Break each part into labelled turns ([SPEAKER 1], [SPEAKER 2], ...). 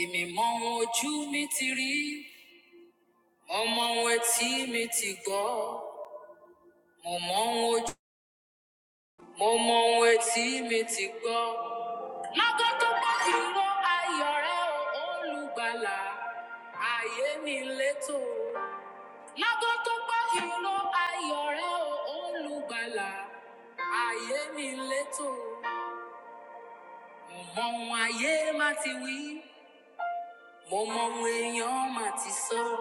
[SPEAKER 1] èmi mọ ohun ojú mi ti rí mo mọ ohun etí mi ti gbọ́ mo mọ ohun ojú mo mọ ohun etí mi ti gbọ́. lọ́gán tó bá ìró ayọ̀ rẹ o, olùgbàlà ayé mi létò. lọ́gán tó bá ìró ayọ̀ rẹ o, olùgbàlà ayé mi létò. mo mọ ohun ayé má ti wí mo mọ ohun èèyàn má ti sọ.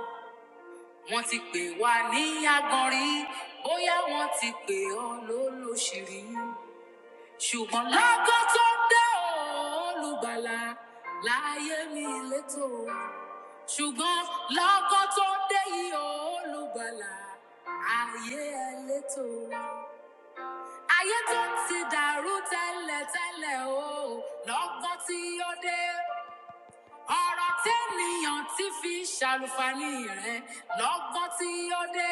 [SPEAKER 1] wọ́n ti pè wá ní agbọ̀nrín bóyá wọ́n ti pè ọ́ lólóṣìírí ṣùgbọ́n lọ́gọ́ tó dé olùgbàlà láyé mi létò ṣùgbọ́n lọ́gọ́ tó dé yìí olùgbàlà ayé ẹ létò ayé tó ti dàrú tẹ́lẹ̀tẹ́lẹ̀ o lọ́gọ́ tí ó dé ọ̀rọ̀ tẹ́nìyàn ti fi ṣàlùfàní rẹ̀ lọ́gọ́ tí ó dé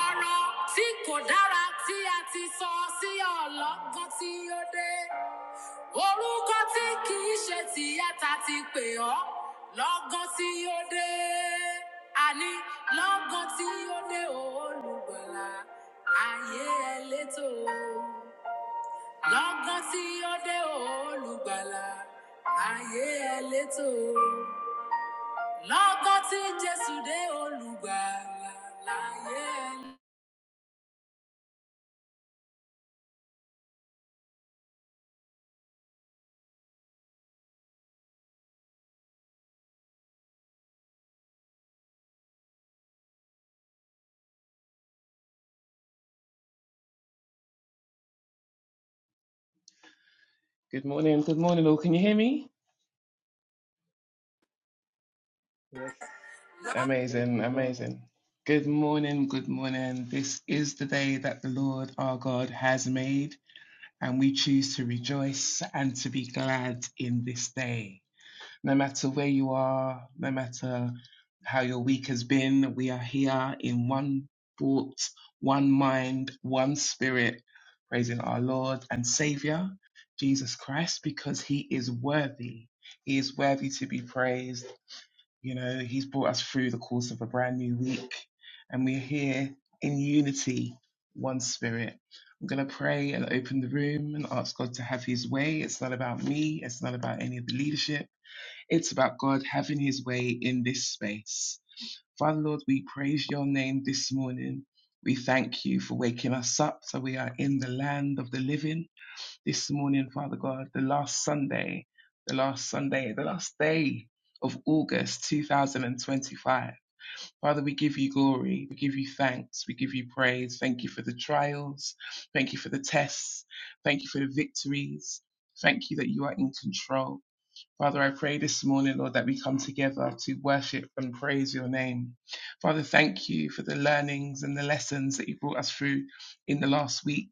[SPEAKER 1] ọ̀rọ̀ tí kò dára tí a ti sọ sí ọlọ́gbọ́n tí ó dé orúkọ tí kì í ṣe tìyàtà ti pè ọ́ lọ́gán tí ó dé àní lọ́gán tí ó dé olùgbàlà ayé ẹlẹ́tò lọ́gán tí ó dé olùgbàlà ayé ẹlẹ́tò lọ́gán tí jésù dé olùgbàlà láyé ẹlẹ́tò.
[SPEAKER 2] Good morning, good morning, all. Can you hear me?
[SPEAKER 3] Yes, I can hear you.
[SPEAKER 2] Amazing,
[SPEAKER 3] Good morning.
[SPEAKER 2] amazing. Good morning, good morning. This is the day that the Lord our God has made, and we choose to rejoice and to be glad in this day. No matter where you are, no matter how your week has been, we are here in one thought, one mind, one spirit, praising our Lord and Savior, Jesus Christ, because he is worthy. He is worthy to be praised. You know, He's brought us through the course of a brand new week, and we're here in unity, one spirit. I'm going to pray and open the room and ask God to have His way. It's not about me, it's not about any of the leadership, it's about God having His way in this space. Father Lord, we praise your name this morning. We thank you for waking us up so we are in the land of the living this morning, Father God, the last Sunday, the last Sunday, the last day of August 2025. Father, we give you glory, we give you thanks, we give you praise. Thank you for the trials, thank you for the tests, thank you for the victories. Thank you that you are in control. Father, I pray this morning, Lord, that we come together to worship and praise your name. Father, thank you for the learnings and the lessons that you brought us through in the last week.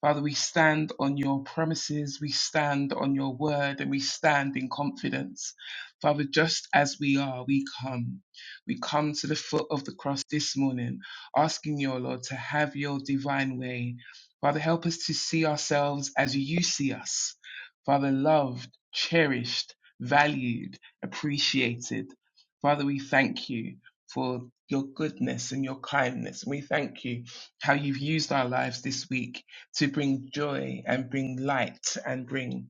[SPEAKER 2] Father, we stand on your promises, we stand on your word, and we stand in confidence. Father, just as we are, we come. We come to the foot of the cross this morning, asking your Lord to have your divine way. Father, help us to see ourselves as you see us. Father, loved, cherished, valued, appreciated. Father, we thank you for your goodness and your kindness. We thank you how you've used our lives this week to bring joy and bring light and bring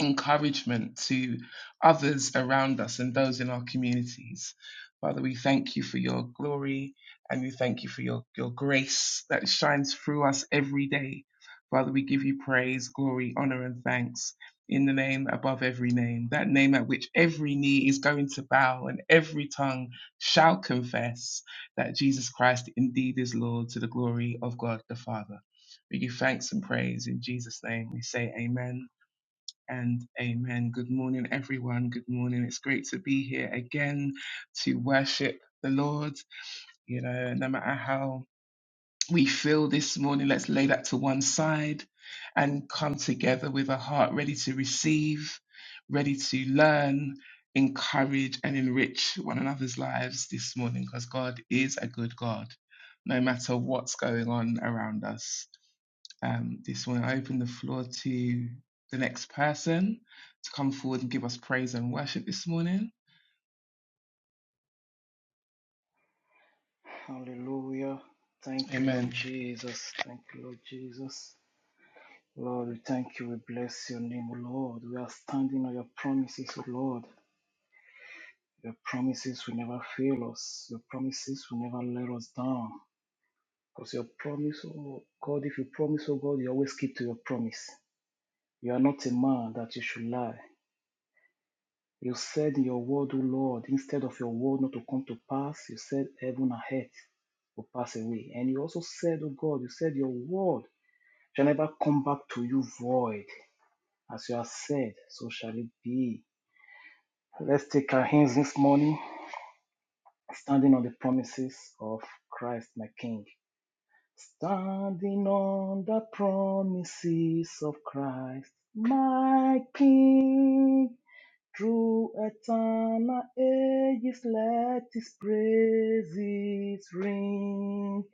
[SPEAKER 2] encouragement to others around us and those in our communities. Father, we thank you for your glory and we thank you for your, your grace that shines through us every day. Father, we give you praise, glory, honor, and thanks in the name above every name, that name at which every knee is going to bow and every tongue shall confess that Jesus Christ indeed is Lord to the glory of God the Father. We give thanks and praise in Jesus' name. We say amen and amen. Good morning, everyone. Good morning. It's great to be here again to worship the Lord. You know, no matter how we feel this morning, let's lay that to one side and come together with a heart ready to receive, ready to learn, encourage, and enrich one another's lives this morning because God is a good God, no matter what's going on around us. Um, this morning, I open the floor to the next person to come forward and give us praise and worship this morning.
[SPEAKER 3] Hallelujah. Thank you, Lord
[SPEAKER 2] Amen.
[SPEAKER 3] Jesus. Thank you, Lord Jesus. Lord, we thank you. We bless your name, O Lord. We are standing on your promises, O Lord. Your promises will never fail us. Your promises will never let us down. Because your promise, oh God, if you promise, oh God, you always keep to your promise. You are not a man that you should lie. You said in your word, O Lord, instead of your word not to come to pass, you said heaven and earth will pass away. And you also said, O God, you said your word shall never come back to you void. As you have said, so shall it be. Let's take our hands this morning, standing on the promises of Christ, my King. Standing on the promises of Christ, my King. Through eternal ages, let His praises ring.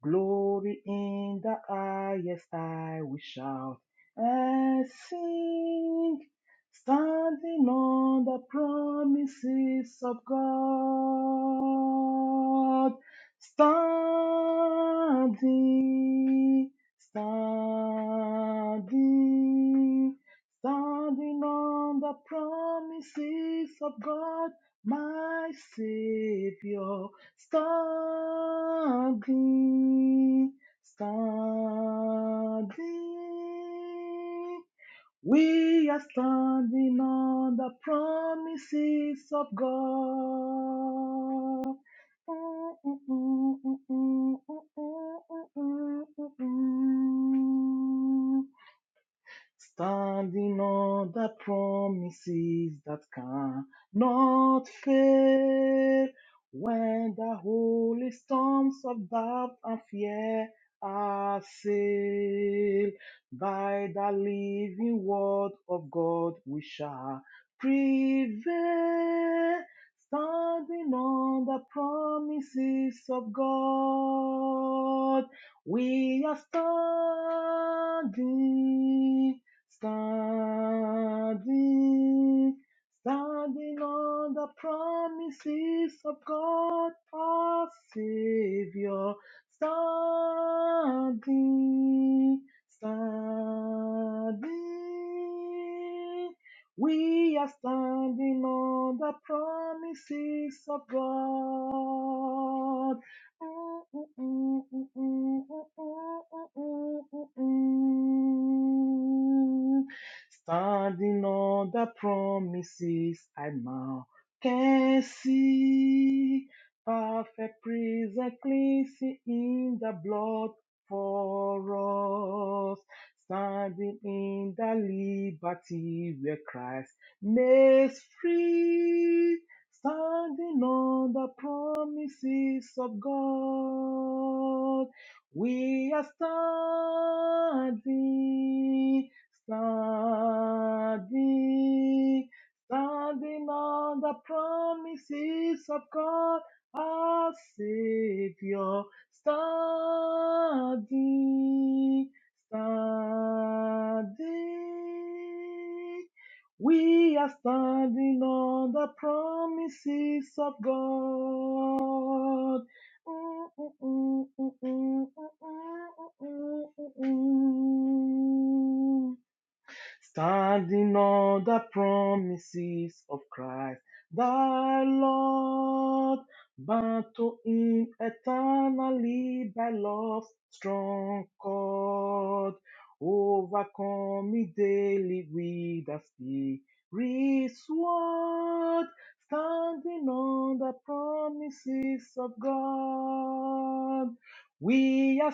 [SPEAKER 3] Glory in the highest I will shout and sing, standing on the promises of God. Standing, standing, standing on the promises of God, my Savior. Struggling, struggling. We are standing on the promises of God. Mm-mm-mm-mm-mm-mm-mm-mm-mm-mm. Standing on the promises that cannot fail. When the holy storms of doubt and fear are sailed, by the living word of God we shall prevail. Standing on the promises of God, we are standing Standing, standing on the promises of God our Savior. Standing, standing. We are standing on the promises of God. Standing on the promises I now can see. Perfect prison cleansing in the blood for us. Standing in the liberty where Christ makes free standing on the promises of God. We are standing, standing, standing on the promises of God, our Savior. Standing, standing. We are standing on the promises of God. Mm-mm-mm-mm-mm-mm-mm-mm-mm-mm standing on the promises of Christ, thy Lord, bound to him eternally by love's strong cord, overcome me daily with the Spirit's word, standing on the promises of God. We are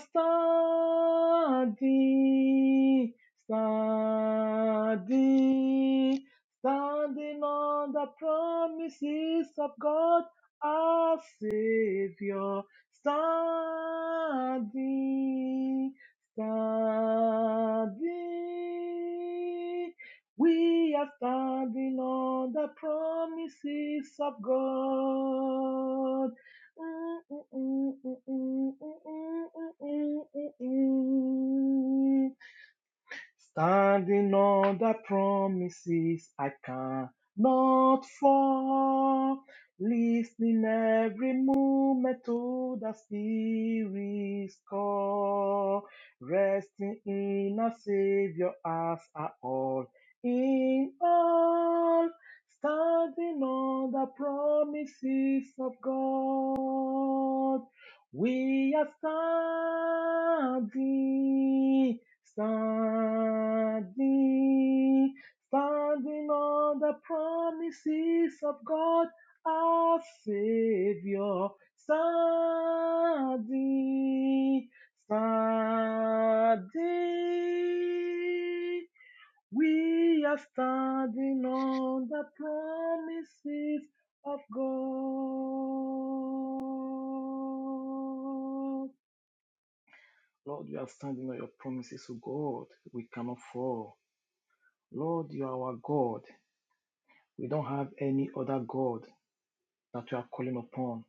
[SPEAKER 3] standing standing, standing on the promises of God, our Savior, standing, standing. We are standing on the promises of God. Mm, mm, mm, mm, mm, mm, mm, mm, mm, mm. mm, mm. Standing on the promises I cannot fall. Listening every moment to the Spirit's call. Resting in our Savior as our all in all. Standing on the promises of God. We are standing Standing, standing on the promises of God, our Savior. Standing, standing. We are standing on the promises of God. Lord, you are standing on your promises, O God. We cannot fall. Lord, you are our God. We don't have any other God that we are calling upon.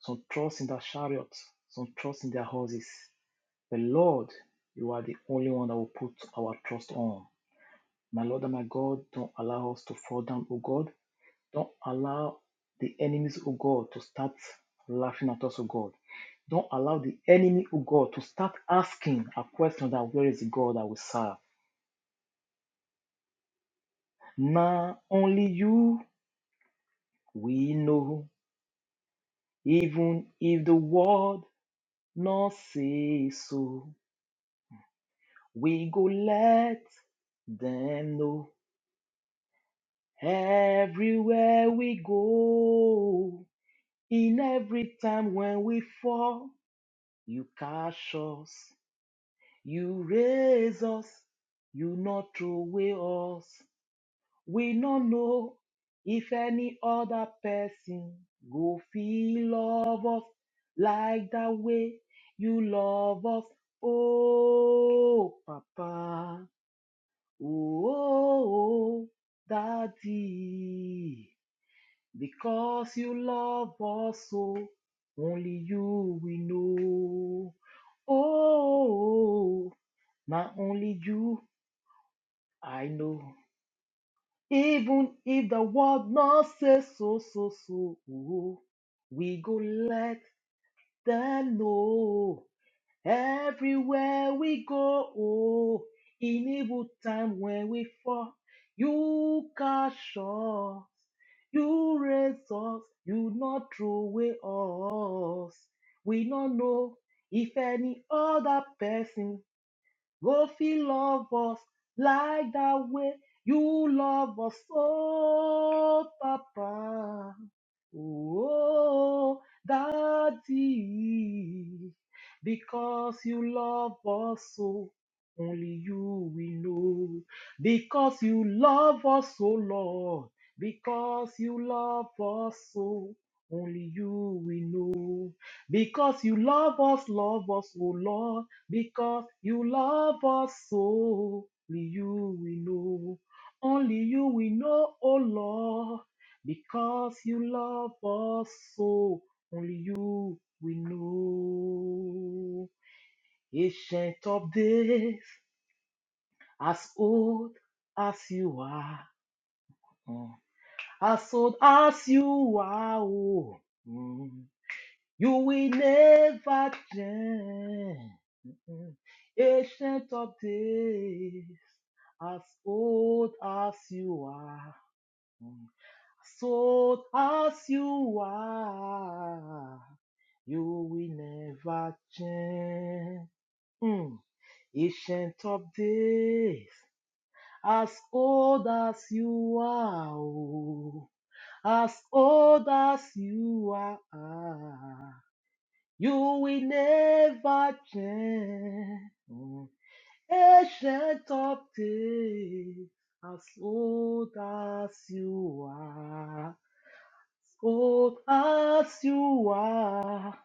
[SPEAKER 3] Some trust in their chariots, some trust in their horses. But Lord, you are the only one that will put our trust on. My Lord and my God, don't allow us to fall down, O God. Don't allow the enemies, O God, to start laughing at us, O God. Don't allow the enemy, O God, to start asking a question that where is the God that we serve? Na only you we know, even if the world not say so. We go let them know everywhere we go. In every time when we fall, you catch us, you raise us, you not throw away us. We no know if any other person go feel love us like the way you love us. Oh, Papa, oh, oh, oh, Daddy, because you love us so, only you we know. Oh, now only you I know. Even if the world not say so, so, so, oh, we go let them know. Everywhere we go, oh, in evil time when we fall, you catch us, you raise us, you not throw away us. We not know if any other person Go feel love us like that way you love us, oh Papa, oh Daddy, because you love us so. Only you we know, because you love us, so, Lord, because you love us so. Only you we know, because you love us, love us, oh Lord. Because you love us so, only you we know. Only you we know, oh Lord. Because you love us so, only you we know. Ancient of days, as old as you are, mm, as old as you are, oh, mm, you will never change. Mm, Ancient of days. As old as you are, mm, as old as you are, you will never change. Mm. Ancient of days, as old as you are, oh, as old as you are, you will never change. Mm. ancient of days, as old as you are, as old as you are,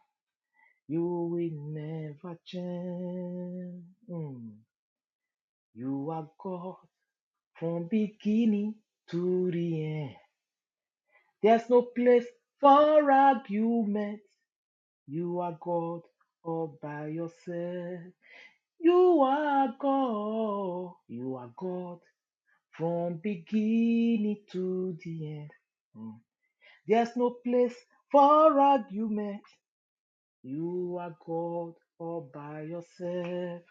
[SPEAKER 3] you will never change. Mm. You are God from beginning to the end. There's no place for argument. You are God all by yourself. You are God. You are God from beginning to the end. Mm. There's no place for argument. You are God all by yourself.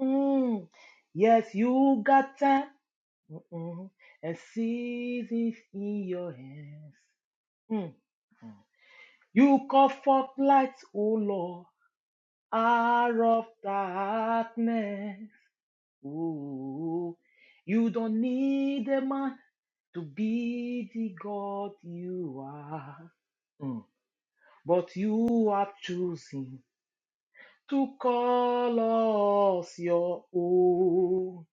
[SPEAKER 3] Mm. Yes, you got time Mm. and seasons in your hands. Mm. Mm. You call forth light, O Lord, out of darkness. Ooh, you don't need a man to be the God you are, Mm. but you are choosing to call us your own.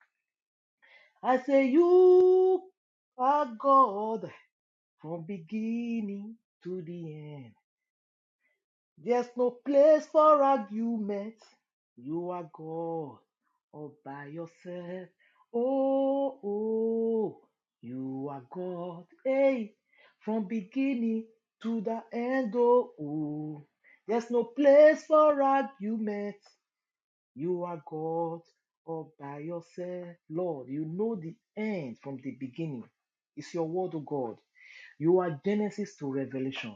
[SPEAKER 3] I say you are God from beginning to the end. There's no place for argument. You are God all by yourself. Oh, oh, you are God. Hey, from beginning to the end. Oh, oh. there's no place for argument. You are God all by yourself. Lord, you know the end from the beginning. It's your word, O God. You are Genesis to Revelation.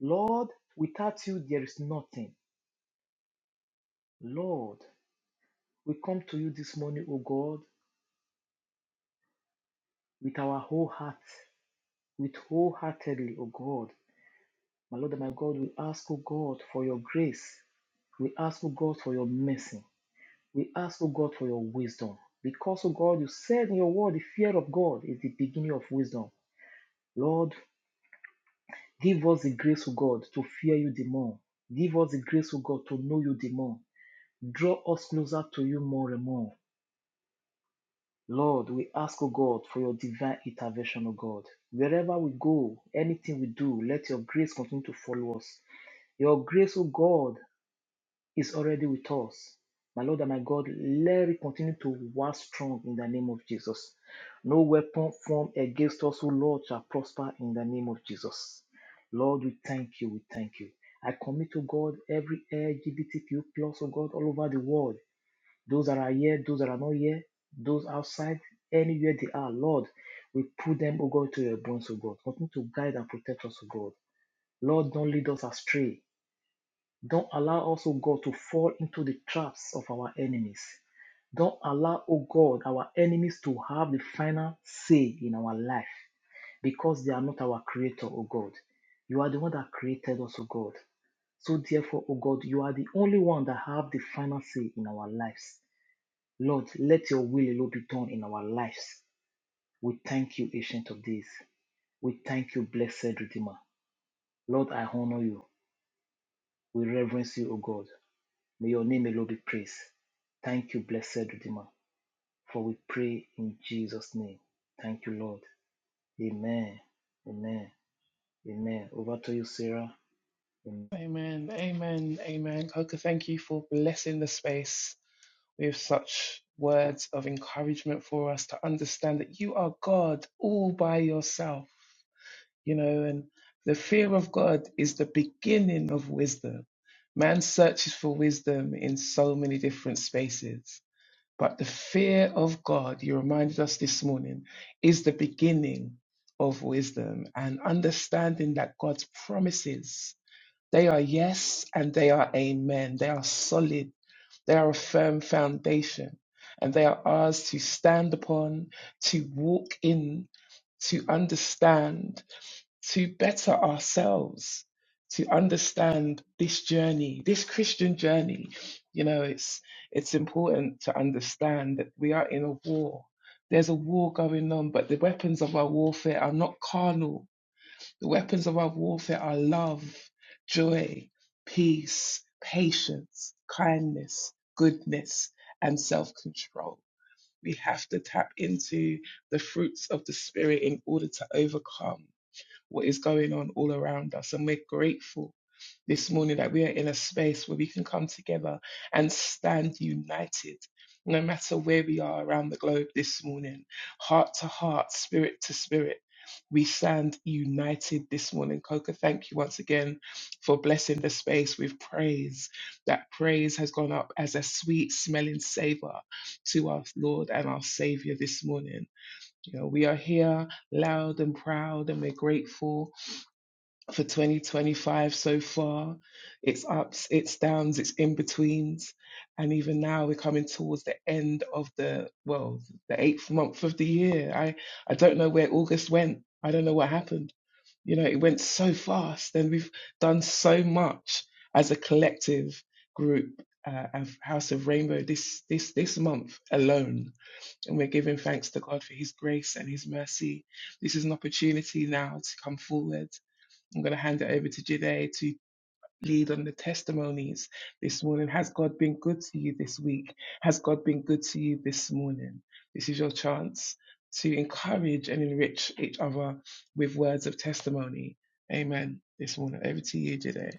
[SPEAKER 3] Lord, without you, there is nothing. Lord, we come to you this morning, O God, with our whole heart, with wholeheartedly, O God. My Lord and my God, we ask, O God, for your grace. We ask, O God, for your mercy. We ask, O God, for your wisdom. Because, O God, you said in your word, the fear of God is the beginning of wisdom. Lord, give us the grace, O God, to fear you the more. Give us the grace, O God, to know you the more. Draw us closer to you more and more. Lord, we ask, O God, for your divine intervention, O God. Wherever we go, anything we do, let your grace continue to follow us. Your grace, O God, is already with us. My Lord and my God, let it continue to work strong in the name of Jesus. No weapon formed against us, O Lord, shall prosper in the name of Jesus. Lord, we thank you, we thank you. I commit to God every LGBTQ plus, O God, all over the world those that are here, those that are not here, those outside, anywhere they are, Lord, we put them, O God, to your bones, O God. Continue to guide and protect us, O God. Lord, don't lead us astray. Don't allow us, O God, to fall into the traps of our enemies. Don't allow, O God, our enemies to have the final say in our life because they are not our creator, O God. You are the one that created us, O God. So therefore, O God, you are the only one that have the final say in our lives. Lord, let your will Lord, be done in our lives. We thank you, Ancient of Days. We thank you, Blessed Redeemer. Lord, I honor you. We reverence you, O God. May your name alone be praised. Thank you, Blessed Redeemer, for we pray in Jesus' name. Thank you, Lord. Amen. Amen. Amen. Over to you, Sarah. Amen.
[SPEAKER 2] Amen. Amen. Amen. Coca, thank you for blessing the space with such words of encouragement for us to understand that you are God all by yourself, you know, and the fear of God is the beginning of wisdom. Man searches for wisdom in so many different spaces, but the fear of God, you reminded us this morning, is the beginning of wisdom and understanding that God's promises they are yes and they are amen. They are solid. They are a firm foundation and they are ours to stand upon, to walk in, to understand, to better ourselves, to understand this journey, this Christian journey. You know, it's, it's important to understand that we are in a war. There's a war going on, but the weapons of our warfare are not carnal the weapons of our warfare are love, joy, peace, patience, kindness, goodness, and self control. We have to tap into the fruits of the Spirit in order to overcome what is going on all around us. And we're grateful this morning that we are in a space where we can come together and stand united. No matter where we are around the globe this morning, heart to heart, spirit to spirit, we stand united this morning. Coca, thank you once again for blessing the space with praise. That praise has gone up as a sweet smelling savor to our Lord and our Savior this morning. You know, we are here loud and proud, and we're grateful for 2025 so far. It's ups, it's downs, it's in betweens. And even now we're coming towards the end of the, well, the eighth month of the year. I, I don't know where August went. I don't know what happened. You know, it went so fast and we've done so much as a collective group. Uh, of House of Rainbow this this this month alone, and we're giving thanks to God for His grace and His mercy. This is an opportunity now to come forward I'm going to hand it over to Jide to lead on the testimonies this morning. Has God been good to you this week? Has God been good to you this morning? This is your chance to encourage and enrich each other with words of testimony. Amen. This morning, over to you, Jide.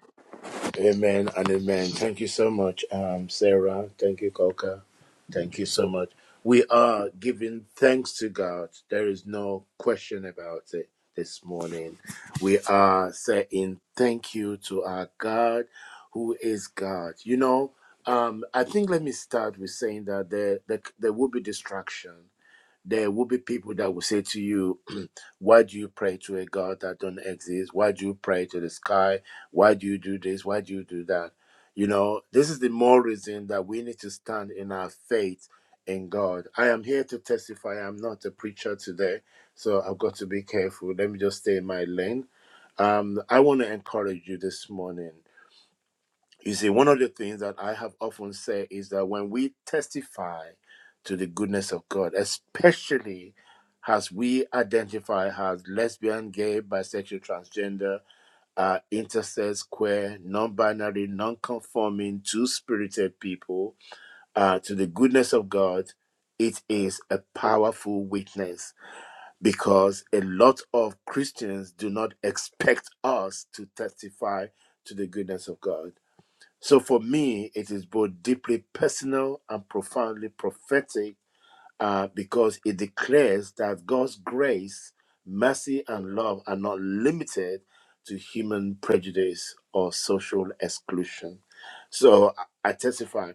[SPEAKER 1] Amen and amen. Thank you so much, um, Sarah. Thank you, Coca. Thank you so much. We are giving thanks to God. There is no question about it this morning. We are saying thank you to our God who is God. You know, um, I think let me start with saying that there, there, there will be distraction there will be people that will say to you, Why do you pray to a God that don't exist? Why do you pray to the sky? Why do you do this? Why do you do that? You know, this is the more reason that we need to stand in our faith in God. I am here to testify. I'm not a preacher today, so I've got to be careful. Let me just stay in my lane. Um, I want to encourage you this morning. You see, one of the things that I have often said is that when we testify to the goodness of God, especially as we identify as lesbian, gay, bisexual, transgender, uh, intersex, queer, non binary, non conforming, two spirited people, uh, to the goodness of God, it is a powerful witness because a lot of Christians do not expect us to testify to the goodness of God so for me, it is both deeply personal and profoundly prophetic uh, because it declares that God's grace, mercy, and love are not limited to human prejudice or social exclusion. So I I testify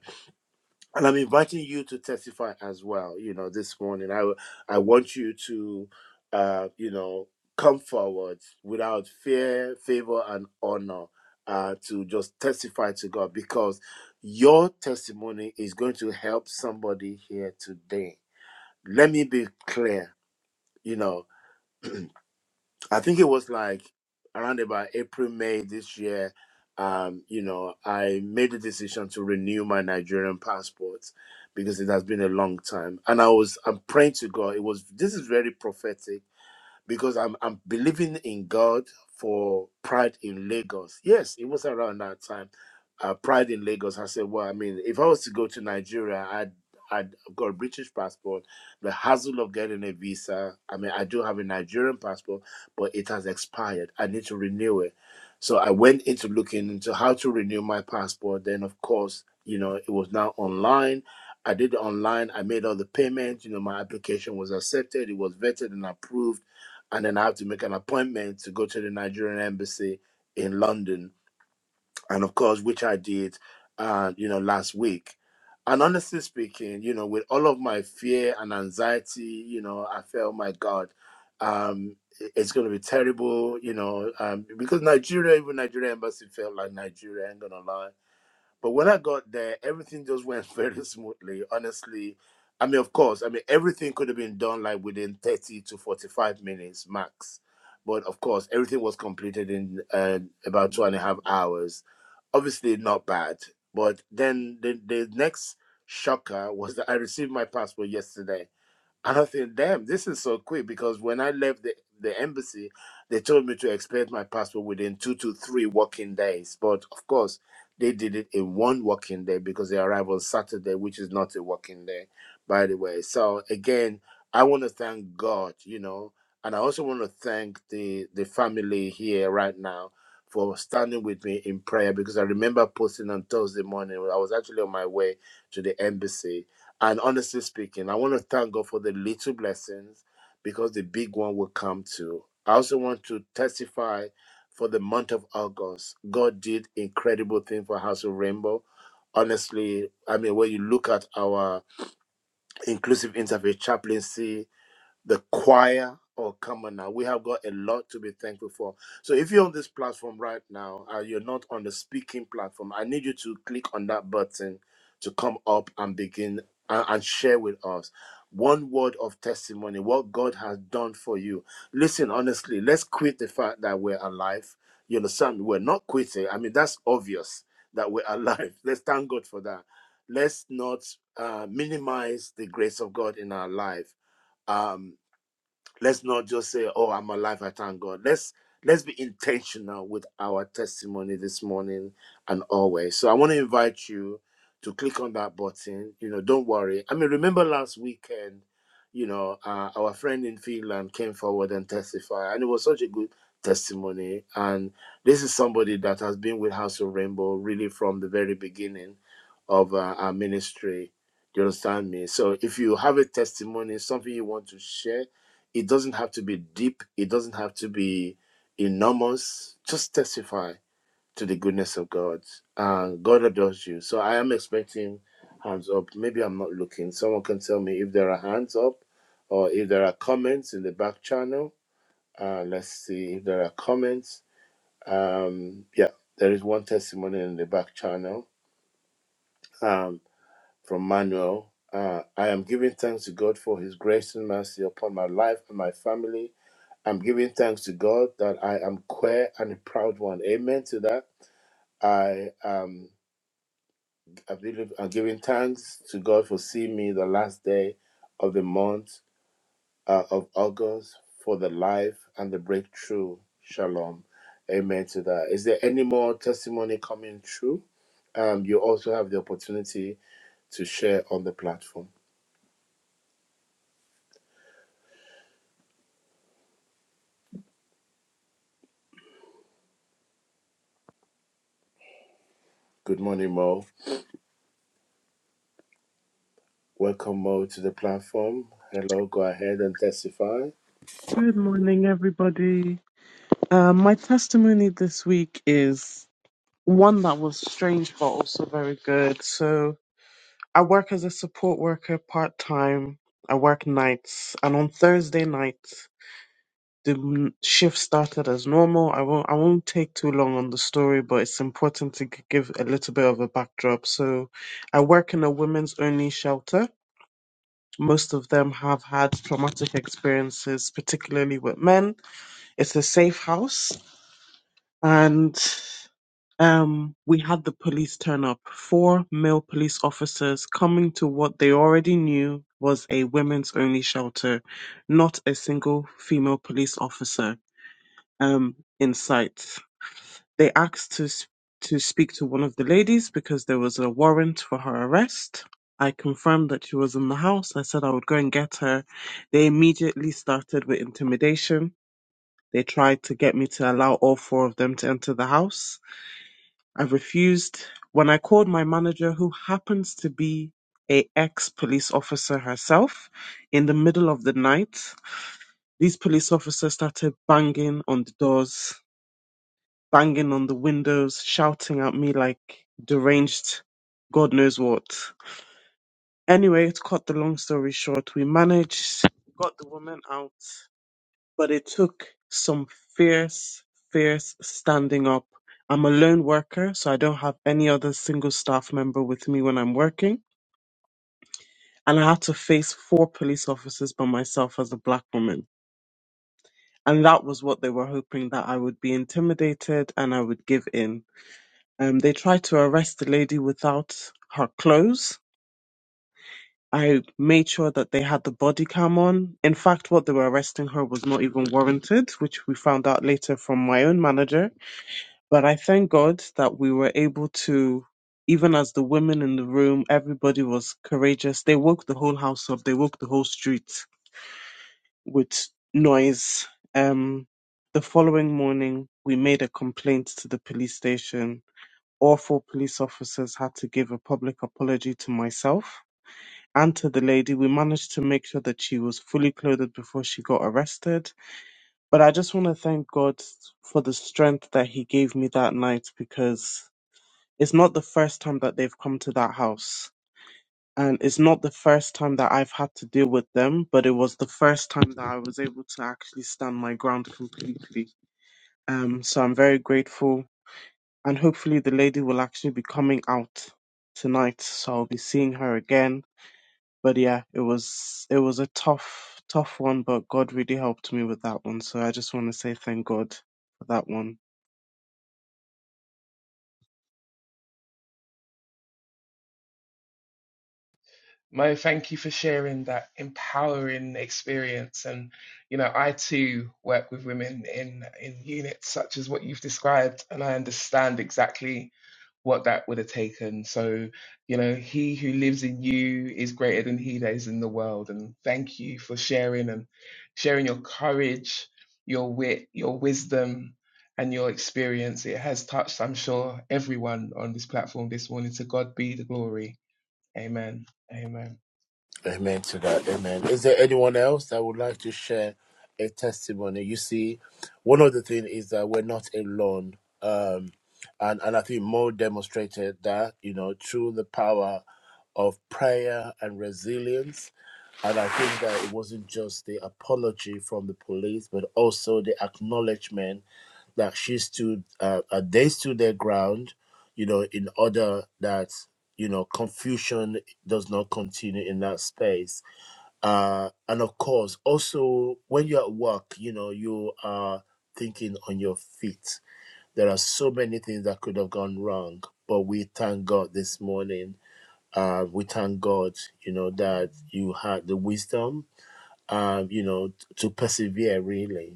[SPEAKER 1] and I'm inviting you to testify as well. You know, this morning, I I want you to, uh, you know, come forward without fear, favor, and honor. Uh, to just testify to God because your testimony is going to help somebody here today. Let me be clear. You know, I think it was like around about April, May this year. Um, you know, I made the decision to renew my Nigerian passport because it has been a long time. And I was, I'm praying to God. It was, this is very prophetic because I'm I'm believing in God for Pride in Lagos. Yes, it was around that time. Uh, Pride in Lagos. I said, well, I mean, if I was to go to Nigeria, I'd I'd have got a British passport. The hassle of getting a visa. I mean, I do have a Nigerian passport, but it has expired. I need to renew it. So I went into looking into how to renew my passport. Then, of course, you know, it was now online. I did it online. I made all the payments. You know, my application was accepted. It was vetted and approved and then I have to make an appointment to go to the Nigerian embassy in London, and of course, which I did, uh, you know, last week. And honestly speaking, you know, with all of my fear and anxiety, you know, I felt, my God, um, it- it's going to be terrible, you know, um, because Nigeria, even Nigeria embassy felt like Nigeria. I'm gonna lie but when I got there, everything just went very smoothly. Honestly, I mean, of course, I mean, everything could have been done like within 30 to 45 minutes max. But of course, everything was completed in uh, about two and a half hours. Obviously, not bad. But then the, the next shocker was that I received my passport yesterday and I think, damn, this is so quick because when I left the, the embassy, they told me to expect my passport within two to three working days. But of course, they did it in one working day because they arrived on Saturday, which is not a working day, by the way. So again, I want to thank God, you know, and I also want to thank the the family here right now for standing with me in prayer because I remember posting on Thursday morning. I was actually on my way to the embassy and honestly speaking, I want to thank God for the little blessings because the big one will come too. I also want to testify for the month of August. God did incredible thing for House of Rainbow. Honestly, I mean, when you look at our inclusive interfaith chaplaincy, the choir or come on now we have got a lot to be thankful for so if you're on this platform right now and you're not on the speaking platform i need you to click on that button to come up and begin a- and share with us one word of testimony what god has done for you listen honestly let's quit the fact that we're alive you understand we're not quitting i mean that's obvious that we're alive let's thank god for that let's not uh, minimize the grace of god in our life Um, let's not just say oh i'm alive i thank god let's let's be intentional with our testimony this morning and always so i want to invite you to click on that button you know don't worry i mean remember last weekend you know uh, our friend in finland came forward and testified and it was such a good testimony and this is somebody that has been with house of rainbow really from the very beginning of uh, our ministry Do you understand me so if you have a testimony something you want to share it doesn't have to be deep, it doesn't have to be enormous. Just testify to the goodness of God. Uh, God adores you. So I am expecting hands up. Maybe I'm not looking. Someone can tell me if there are hands up or if there are comments in the back channel. Uh, let's see if there are comments. Um, yeah, there is one testimony in the back channel um, from Manuel. Uh, I am giving thanks to God for His grace and mercy upon my life and my family. I'm giving thanks to God that I am queer and a proud one. Amen to that. I am I believe I'm giving thanks to God for seeing me the last day of the month uh, of August for the life and the breakthrough. Shalom. Amen to that. Is there any more testimony coming through? Um, you also have the opportunity to share on the platform. Good morning, Mo. Welcome, Mo, to the platform. Hello, go ahead and testify.
[SPEAKER 4] Good morning, everybody. Uh, my testimony this week is one that was strange but also very good. So, I work as a support worker part time. I work nights, and on Thursday nights, the m- shift started as normal. I won't, I won't take too long on the story, but it's important to g- give a little bit of a backdrop. So, I work in a women's only shelter. Most of them have had traumatic experiences, particularly with men. It's a safe house and um, we had the police turn up. Four male police officers coming to what they already knew was a women's only shelter, not a single female police officer um, in sight. They asked to s- to speak to one of the ladies because there was a warrant for her arrest. I confirmed that she was in the house. I said I would go and get her. They immediately started with intimidation. They tried to get me to allow all four of them to enter the house I refused when I called my manager, who happens to be a ex police officer herself, in the middle of the night. These police officers started banging on the doors, banging on the windows, shouting at me like deranged, God knows what. Anyway, to cut the long story short, we managed, got the woman out, but it took some fierce, fierce standing up. I'm a lone worker, so I don't have any other single staff member with me when I'm working. And I had to face four police officers by myself as a black woman. And that was what they were hoping that I would be intimidated and I would give in. Um, they tried to arrest the lady without her clothes. I made sure that they had the body cam on. In fact, what they were arresting her was not even warranted, which we found out later from my own manager But I thank God that we were able to, even as the women in the room, everybody was courageous. They woke the whole house up, they woke the whole street with noise. Um, the following morning, we made a complaint to the police station. All four police officers had to give a public apology to myself and to the lady. We managed to make sure that she was fully clothed before she got arrested. But I just want to thank God for the strength that He gave me that night because it's not the first time that they've come to that house. And it's not the first time that I've had to deal with them, but it was the first time that I was able to actually stand my ground completely. Um, so I'm very grateful. And hopefully the lady will actually be coming out tonight. So I'll be seeing her again. But yeah, it was it was a tough, tough one, but God really helped me with that one. So I just want to say thank God for that one.
[SPEAKER 2] Mo, thank you for sharing that empowering experience. And, you know, I too work with women in, in units such as what you've described, and I understand exactly what that would have taken. So, you know, he who lives in you is greater than he that is in the world. And thank you for sharing and sharing your courage, your wit, your wisdom, and your experience. It has touched, I'm sure, everyone on this platform this morning. To God be the glory. Amen. Amen.
[SPEAKER 1] Amen to that. Amen. Is there anyone else that would like to share a testimony? You see, one of the things is that we're not alone. Um, and, and I think Mo demonstrated that, you know, through the power of prayer and resilience. And I think that it wasn't just the apology from the police, but also the acknowledgement that she stood, uh, uh, they stood their ground, you know, in order that, you know, confusion does not continue in that space. Uh, and of course, also when you're at work, you know, you are thinking on your feet. There are so many things that could have gone wrong, but we thank God this morning. Uh, we thank God, you know, that you had the wisdom, um, you know, t- to persevere really.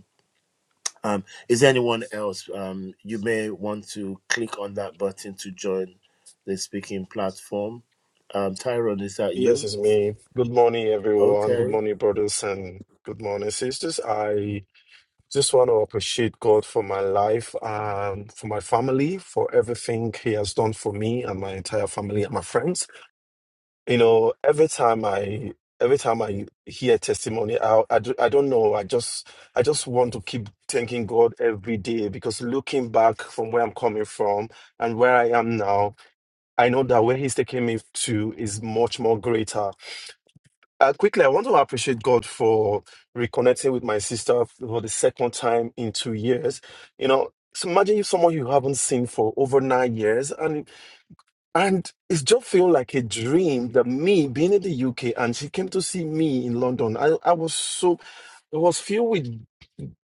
[SPEAKER 1] Um, is there anyone else? Um, you may want to click on that button to join the speaking platform. Um, Tyrone, is that
[SPEAKER 5] Yes,
[SPEAKER 1] you?
[SPEAKER 5] it's me. Good morning, everyone. Good
[SPEAKER 1] Okay.
[SPEAKER 5] morning, brothers and good morning, sisters. I just want to appreciate God for my life, um, for my family, for everything He has done for me and my entire family and my friends. You know, every time I every time I hear testimony, I I, do, I don't know. I just I just want to keep thanking God every day because looking back from where I'm coming from and where I am now, I know that where He's taking me to is much more greater. Uh, quickly, I want to appreciate God for reconnecting with my sister for the second time in two years. You know, so imagine if someone you haven't seen for over nine years, and and it's just feeling like a dream that me being in the UK and she came to see me in London. I, I was so I was filled with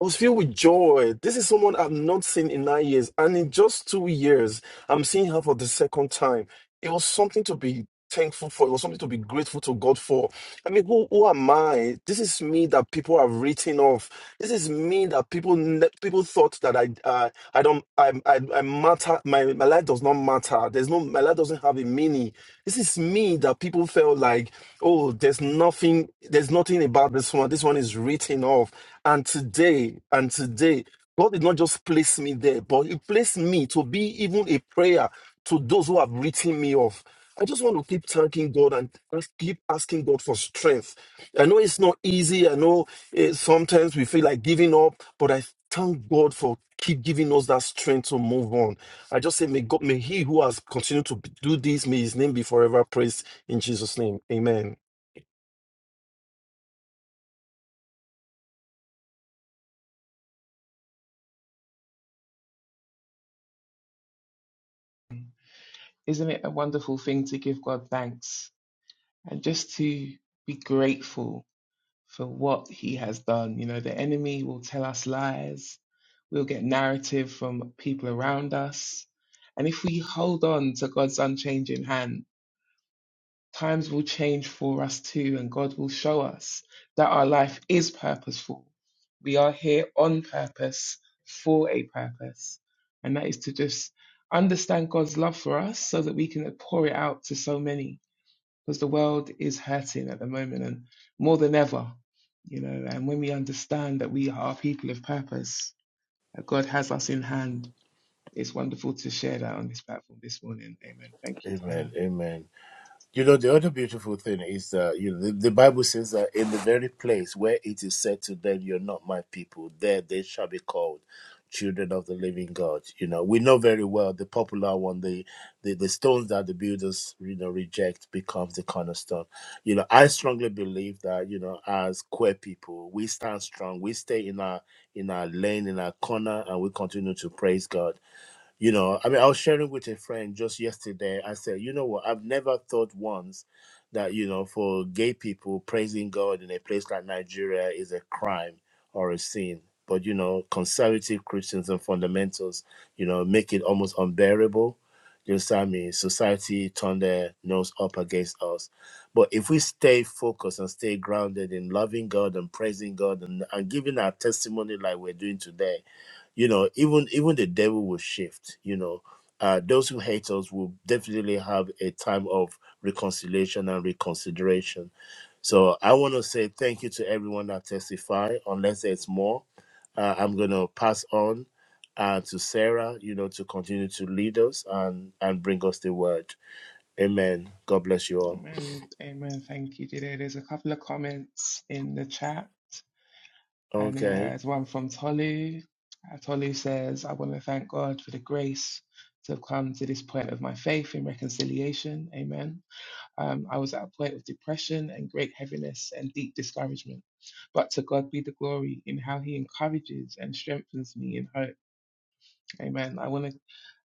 [SPEAKER 5] I was filled with joy. This is someone I've not seen in nine years. And in just two years, I'm seeing her for the second time. It was something to be thankful for. It was something to be grateful to God for. I mean, who, who am I? This is me that people have written off. This is me that people ne- people thought that I uh, I don't I, I I matter. My my life does not matter. There's no my life doesn't have a meaning. This is me that people felt like, oh, there's nothing, there's nothing about this one. This one is written off. And today, and today, God did not just place me there, but He placed me to be even a prayer to those who have written me off. I just want to keep thanking God and ask- keep asking God for strength. I know it's not easy. I know eh, sometimes we feel like giving up, but I thank God for keep giving us that strength to move on. I just say, may God, may He who has continued to b- do this, may His name be forever praised in Jesus' name. Amen.
[SPEAKER 2] Isn't it a wonderful thing to give God thanks and just to be grateful for what He has done? You know, the enemy will tell us lies, we'll get narrative from people around us. And if we hold on to God's unchanging hand, times will change for us too, and God will show us that our life is purposeful. We are here on purpose for a purpose, and that is to just understand God's love for us so that we can pour it out to so many because the world is hurting at the moment and more than ever, you know. And when we understand that we are people of purpose, that God has us in hand, it's wonderful to share that on this platform this morning. Amen. Thank you,
[SPEAKER 1] Amen.
[SPEAKER 2] Tyrone.
[SPEAKER 1] Amen. You know, the other beautiful thing is that you know, the, the Bible says that in the very place where it is said to them, You're not my people, there they shall be called children of the living God. You know, we know very well the popular one, the the, the stones that the builders, you know, reject becomes the cornerstone. You know, I strongly believe that, you know, as queer people, we stand strong, we stay in our in our lane, in our corner, and we continue to praise God You know, I mean, I was sharing with a friend just yesterday. I said, you know what? I've never thought once that, you know, for gay people, praising God in a place like Nigeria is a crime or a sin. But, you know, conservative Christians and fundamentals, you know, make it almost unbearable. You understand me? Society turned their nose up against us. But if we stay focused and stay grounded in loving God and praising God and, and giving our testimony like we're doing today, you know even even the devil will shift you know uh, those who hate us will definitely have a time of reconciliation and reconsideration so i want to say thank you to everyone that testified unless there's more uh, i'm going to pass on uh, to sarah you know to continue to lead us and and bring us the word amen god bless you all
[SPEAKER 2] Amen. Amen. Thank you, Jide. There's a couple of comments in the chat, and uh,
[SPEAKER 1] okay
[SPEAKER 2] there's one from Tolu. Uh, Tolu says, I want to thank God for the grace to have come to this point of my faith in reconciliation. Amen. Um, I was at a point of depression and great heaviness and deep discouragement. But to God be the glory in how He encourages and strengthens me in hope. Amen. I want to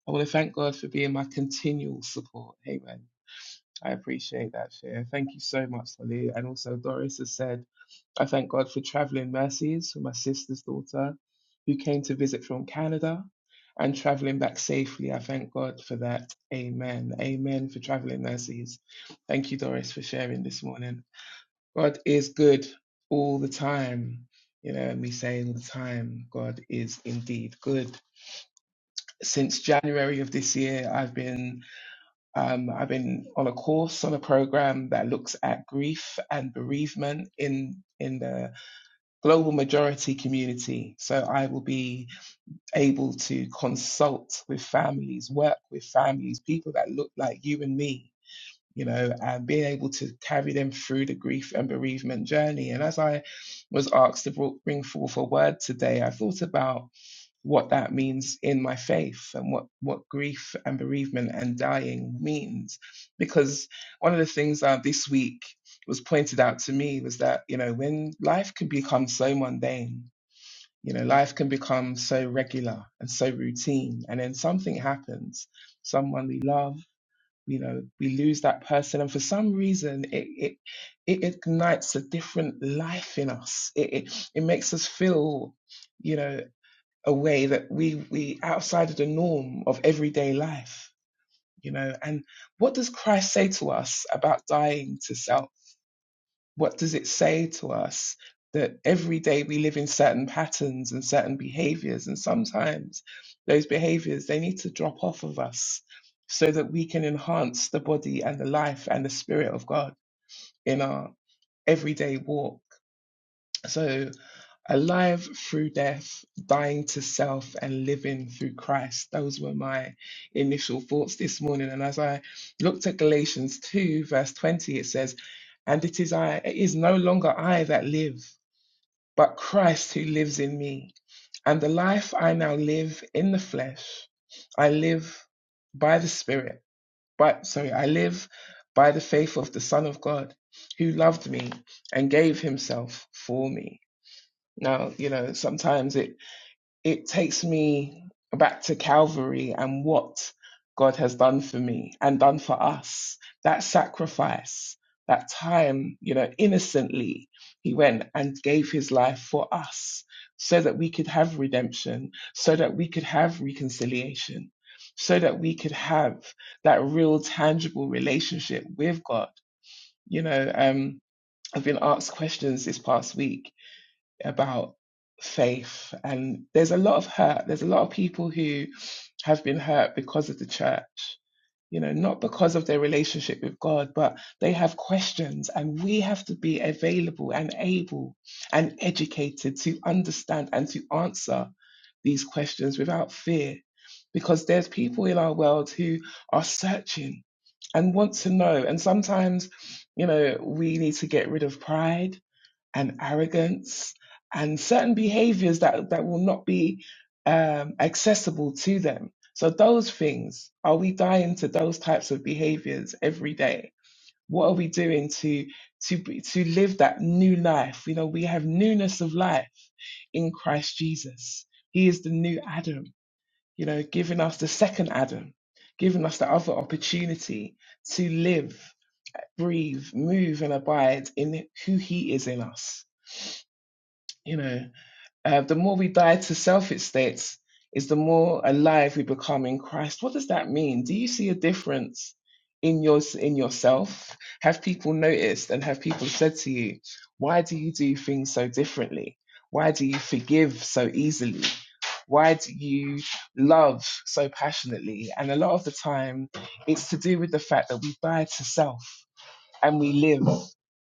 [SPEAKER 2] I want to thank God for being my continual support. Amen. I appreciate that, Share. Thank you so much, Lily. And also, Doris has said, I thank God for traveling mercies for my sister's daughter who came to visit from Canada and traveling back safely. I thank God for that. Amen. Amen for traveling mercies. Thank you, Doris, for sharing this morning. God is good all the time. You know, and we say all the time, God is indeed good. Since January of this year, I've been um, I've been on a course on a program that looks at grief and bereavement in in the global majority community. So I will be able to consult with families, work with families, people that look like you and me, you know, and being able to carry them through the grief and bereavement journey. And as I was asked to bring forth a word today, I thought about what that means in my faith and what, what grief and bereavement and dying means. Because one of the things uh, this week was pointed out to me was that, you know, when life can become so mundane, you know, life can become so regular and so routine, and then something happens, someone we love, you know, we lose that person, and for some reason, it it, it ignites a different life in us. It, it it makes us feel, you know a way that we we outside of the norm of everyday life you know and what does christ say to us about dying to self what does it say to us that every day we live in certain patterns and certain behaviors and sometimes those behaviors they need to drop off of us so that we can enhance the body and the life and the spirit of god in our everyday walk so alive through death, dying to self, and living through Christ. Those were my initial thoughts this morning. And as I looked at Galatians 2, verse 20, it says, And it is I, it is no longer I that live, but Christ who lives in me. And the life I now live in the flesh, I live by the Spirit, but sorry, I live by the faith of the Son of God who loved me and gave himself for me. Now, you know, sometimes it it takes me back to Calvary and what God has done for me and done for us. That sacrifice, that time, you know, innocently, He went and gave His life for us so that we could have redemption, so that we could have reconciliation, so that we could have that real, tangible relationship with God. You know, um, I've been asked questions this past week about faith and there's a lot of hurt there's a lot of people who have been hurt because of the church you know not because of their relationship with god but they have questions and we have to be available and able and educated to understand and to answer these questions without fear because there's people in our world who are searching and want to know and sometimes you know we need to get rid of pride and arrogance and certain behaviors that, that will not be um, accessible to them. So, those things, are we dying to those types of behaviors every day? What are we doing to, to, to live that new life? You know, we have newness of life in Christ Jesus. He is the new Adam, you know, giving us the second Adam, giving us the other opportunity to live, breathe, move, and abide in who He is in us. You know, uh, the more we die to self, it states, is the more alive we become in Christ. What does that mean? Do you see a difference in yours in yourself? Have people noticed and have people said to you, why do you do things so differently? Why do you forgive so easily? Why do you love so passionately? And a lot of the time, it's to do with the fact that we die to self and we live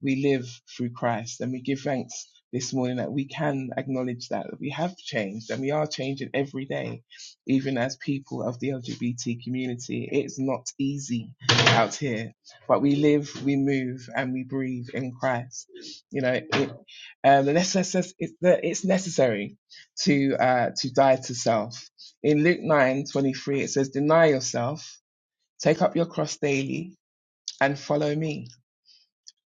[SPEAKER 2] we live through christ and we give thanks this morning that we can acknowledge that, that we have changed and we are changing every day even as people of the lgbt community it's not easy out here but we live we move and we breathe in christ you know it, um, the necess- it's the- it's necessary to uh, to die to self in luke nine twenty three, it says deny yourself take up your cross daily and follow me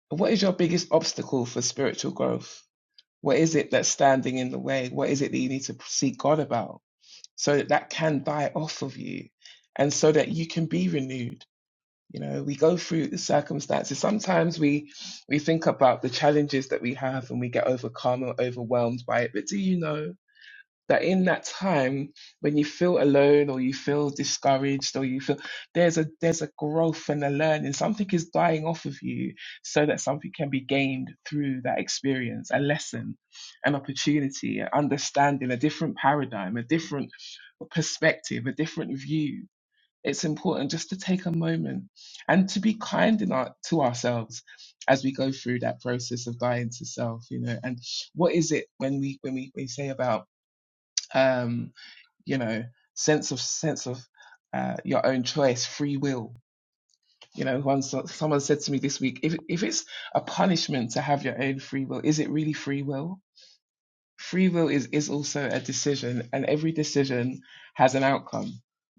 [SPEAKER 2] what is your biggest obstacle for spiritual growth? What is it that's standing in the way? What is it that you need to seek God about so that that can die off of you and so that you can be renewed? You know, we go through the circumstances. Sometimes we we think about the challenges that we have and we get overcome or overwhelmed by it. But do you know? that in that time when you feel alone or you feel discouraged or you feel there's a there's a growth and a learning something is dying off of you so that something can be gained through that experience a lesson an opportunity an understanding a different paradigm a different perspective a different view it's important just to take a moment and to be kind in our, to ourselves as we go through that process of dying to self you know and what is it when we when we, we say about um, you know, sense of sense of uh, your own choice, free will. You know, once someone said to me this week, if if it's a punishment to have your own free will, is it really free will? Free will is is also a decision, and every decision has an outcome.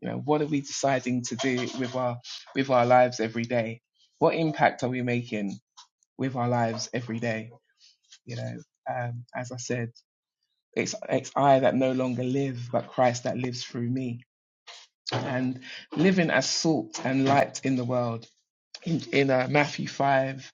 [SPEAKER 2] You know, what are we deciding to do with our with our lives every day? What impact are we making with our lives every day? You know, um, as I said, it's it's I that no longer live, but Christ that lives through me and living as salt and light in the world. In, in uh, Matthew 5,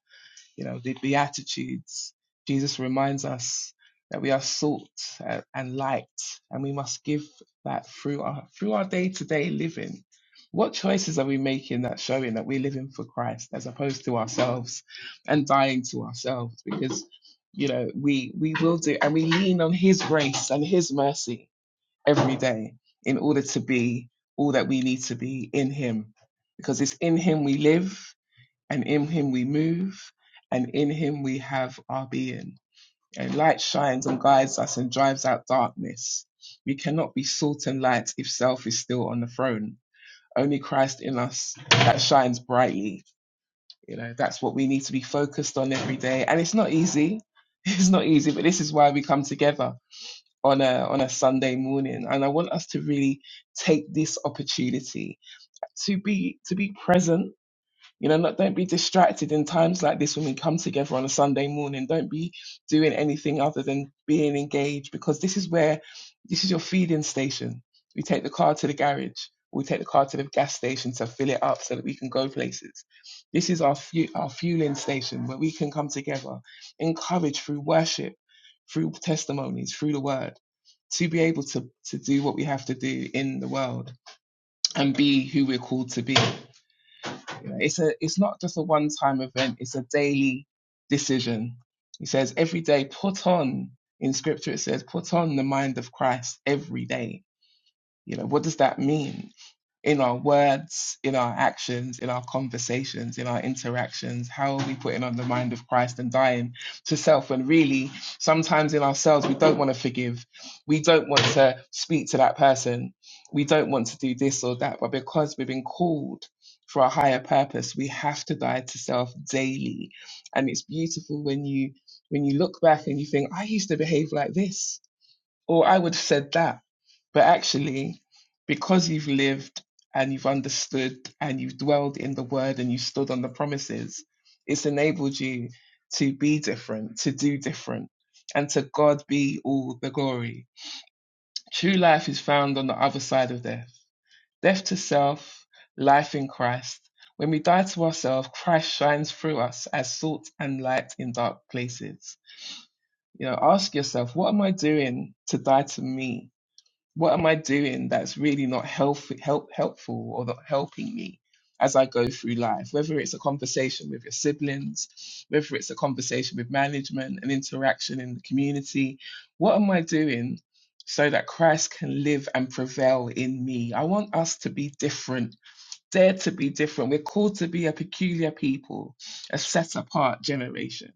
[SPEAKER 2] you know, the Beatitudes, Jesus reminds us that we are salt uh, and light, and we must give that through our through our day to day living. What choices are we making that showing that we're living for Christ as opposed to ourselves and dying to ourselves? Because you know we we will do, and we lean on His grace and His mercy every day in order to be all that we need to be in Him. Because it's in Him we live, and in Him we move, and in Him we have our being. And light shines and guides us and drives out darkness. We cannot be salt and light if self is still on the throne. Only Christ in us that shines brightly. You know, that's what we need to be focused on every day. And it's not easy. It's not easy, but this is why we come together on a on a Sunday morning, and I want us to really take this opportunity to be to be present. You know, not don't be distracted in times like this when we come together on a Sunday morning. Don't be doing anything other than being engaged, because this is where this is your feeding station. We take the car to the garage. We take the car to the gas station to fill it up so that we can go places. This is our fu- our fueling station where we can come together, encouraged through worship, through testimonies, through the word to be able to to do what we have to do in the world and be who we're called to be. You know, it's a it's not just a one time event, it's a daily decision. He says every day put on in scripture it says put on the mind of Christ every day. You know, what does that mean? in our words, in our actions, in our conversations, in our interactions? How are we putting on the mind of Christ and dying to self? When really, sometimes in ourselves, we don't want to forgive. We don't want to speak to that person. We don't want to do this or that. But because we've been called for a higher purpose, we have to die to self daily. And it's beautiful when you when you look back and you think, I used to behave like this. Or I would have said that. But actually, because you've lived and you've understood and you've dwelled in the word and you stood on the promises, it's enabled you to be different, to do different, and to God be all the glory. True life is found on the other side of death. Death to self, life in Christ. When we die to ourselves, Christ shines through us as salt and light in dark places. You know, ask yourself, what am I doing to die to me? What am I doing that's really not help, help, helpful or not helping me as I go through life? Whether it's a conversation with your siblings, whether it's a conversation with management, an interaction in the community, what am I doing so that Christ can live and prevail in me? I want us to be different, dare to be different. We're called to be a peculiar people, a set apart generation.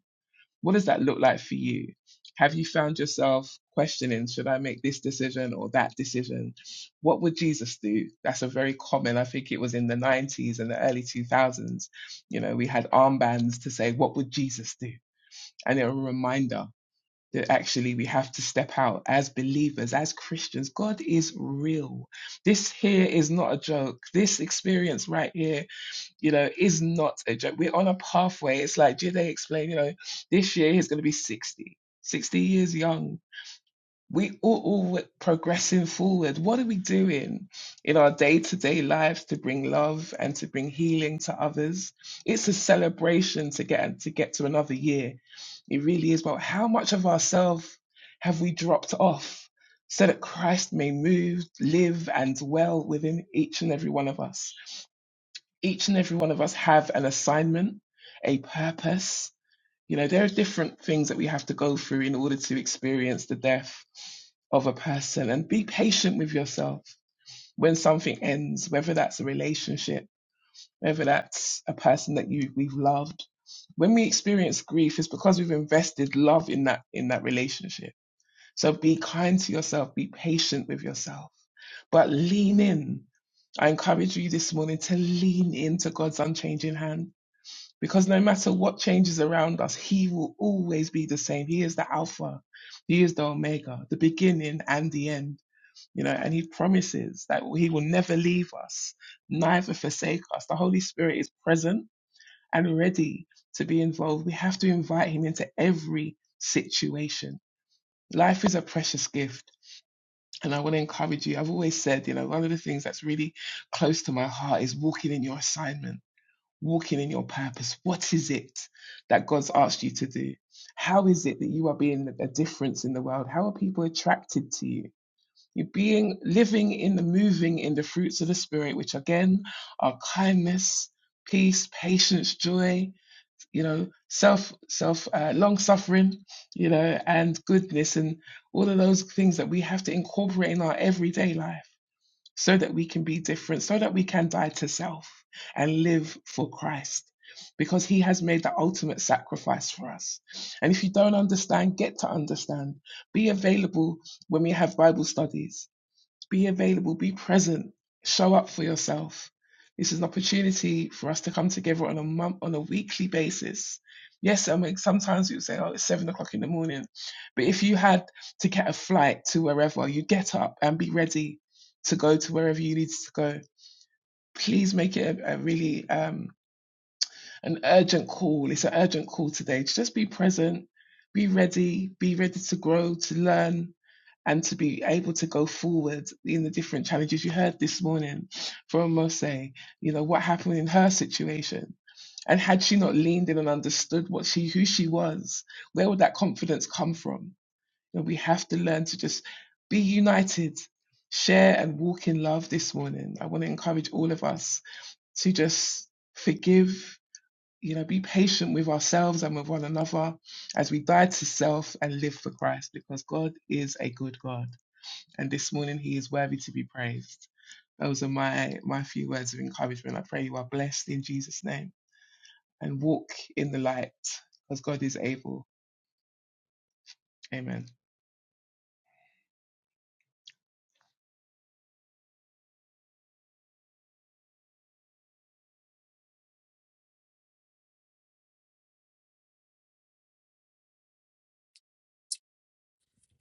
[SPEAKER 2] What does that look like for you? Have you found yourself questioning, should I make this decision or that decision? What would Jesus do? That's a very common, I think it was in the 90s and the early 2000s. You know, we had armbands to say, what would Jesus do? And they're a reminder that actually we have to step out as believers, as Christians. God is real. This here is not a joke. This experience right here you know, is not a joke. We're on a pathway. It's like, did they explain, you know, this year he's going to be 60, 60 years young. We all, all progressing forward. What are we doing in our day to day lives to bring love and to bring healing to others? It's a celebration to get to get to another year. It really is. But how much of ourselves have we dropped off so that Christ may move, live, and dwell within each and every one of us? each and every one of us have an assignment, a purpose. You know, there are different things that we have to go through in order to experience the death of a person and be patient with yourself when something ends, whether that's a relationship, whether that's a person that you we've loved. When we experience grief, it's because we've invested love in that in that relationship so be kind to yourself, be patient with yourself, but lean in. I encourage you this morning to lean into God's unchanging hand because no matter what changes around us, He will always be the same. He is the Alpha, He is the Omega, the beginning and the end. You know, and He promises that He will never leave us, neither forsake us. The Holy Spirit is present and ready to be involved. We have to invite Him into every situation. Life is a precious gift and I want to encourage you. I've always said, you know, one of the things that's really close to my heart is walking in your assignment, walking in your purpose. What is it that God's asked you to do? How is it that you are being a difference in the world? How are people attracted to you? You're being living in the moving in the fruits of the spirit, which again are kindness, peace, patience, joy you know self self uh, long suffering you know and goodness and all of those things that we have to incorporate in our everyday life so that we can be different so that we can die to self and live for Christ because he has made the ultimate sacrifice for us and if you don't understand get to understand be available when we have bible studies be available, be present, show up for yourself. This is an opportunity for us to come together on a month, on a weekly basis. Yes, I mean sometimes you say, "Oh, it's seven o'clock in the morning," but if you had to get a flight to wherever, you get up and be ready to go to wherever you need to go. Please make it a, a really um, an urgent call. It's an urgent call today. to Just be present, be ready, be ready to grow, to learn, and to be able to go forward in the different challenges you heard this morning from Mose, you know, what happened in her situation. And had she not leaned in and understood what she who she was, where would that confidence come from? You know, we have to learn to just be united, share and walk in love this morning. I want to encourage all of us to just forgive, you know, be patient with ourselves and with one another as we die to self and live for Christ because God is a good God and this morning he is worthy to be praised. Those are my, my few words of encouragement. I pray you are blessed in Jesus' name and walk in the light because God is able. Amen.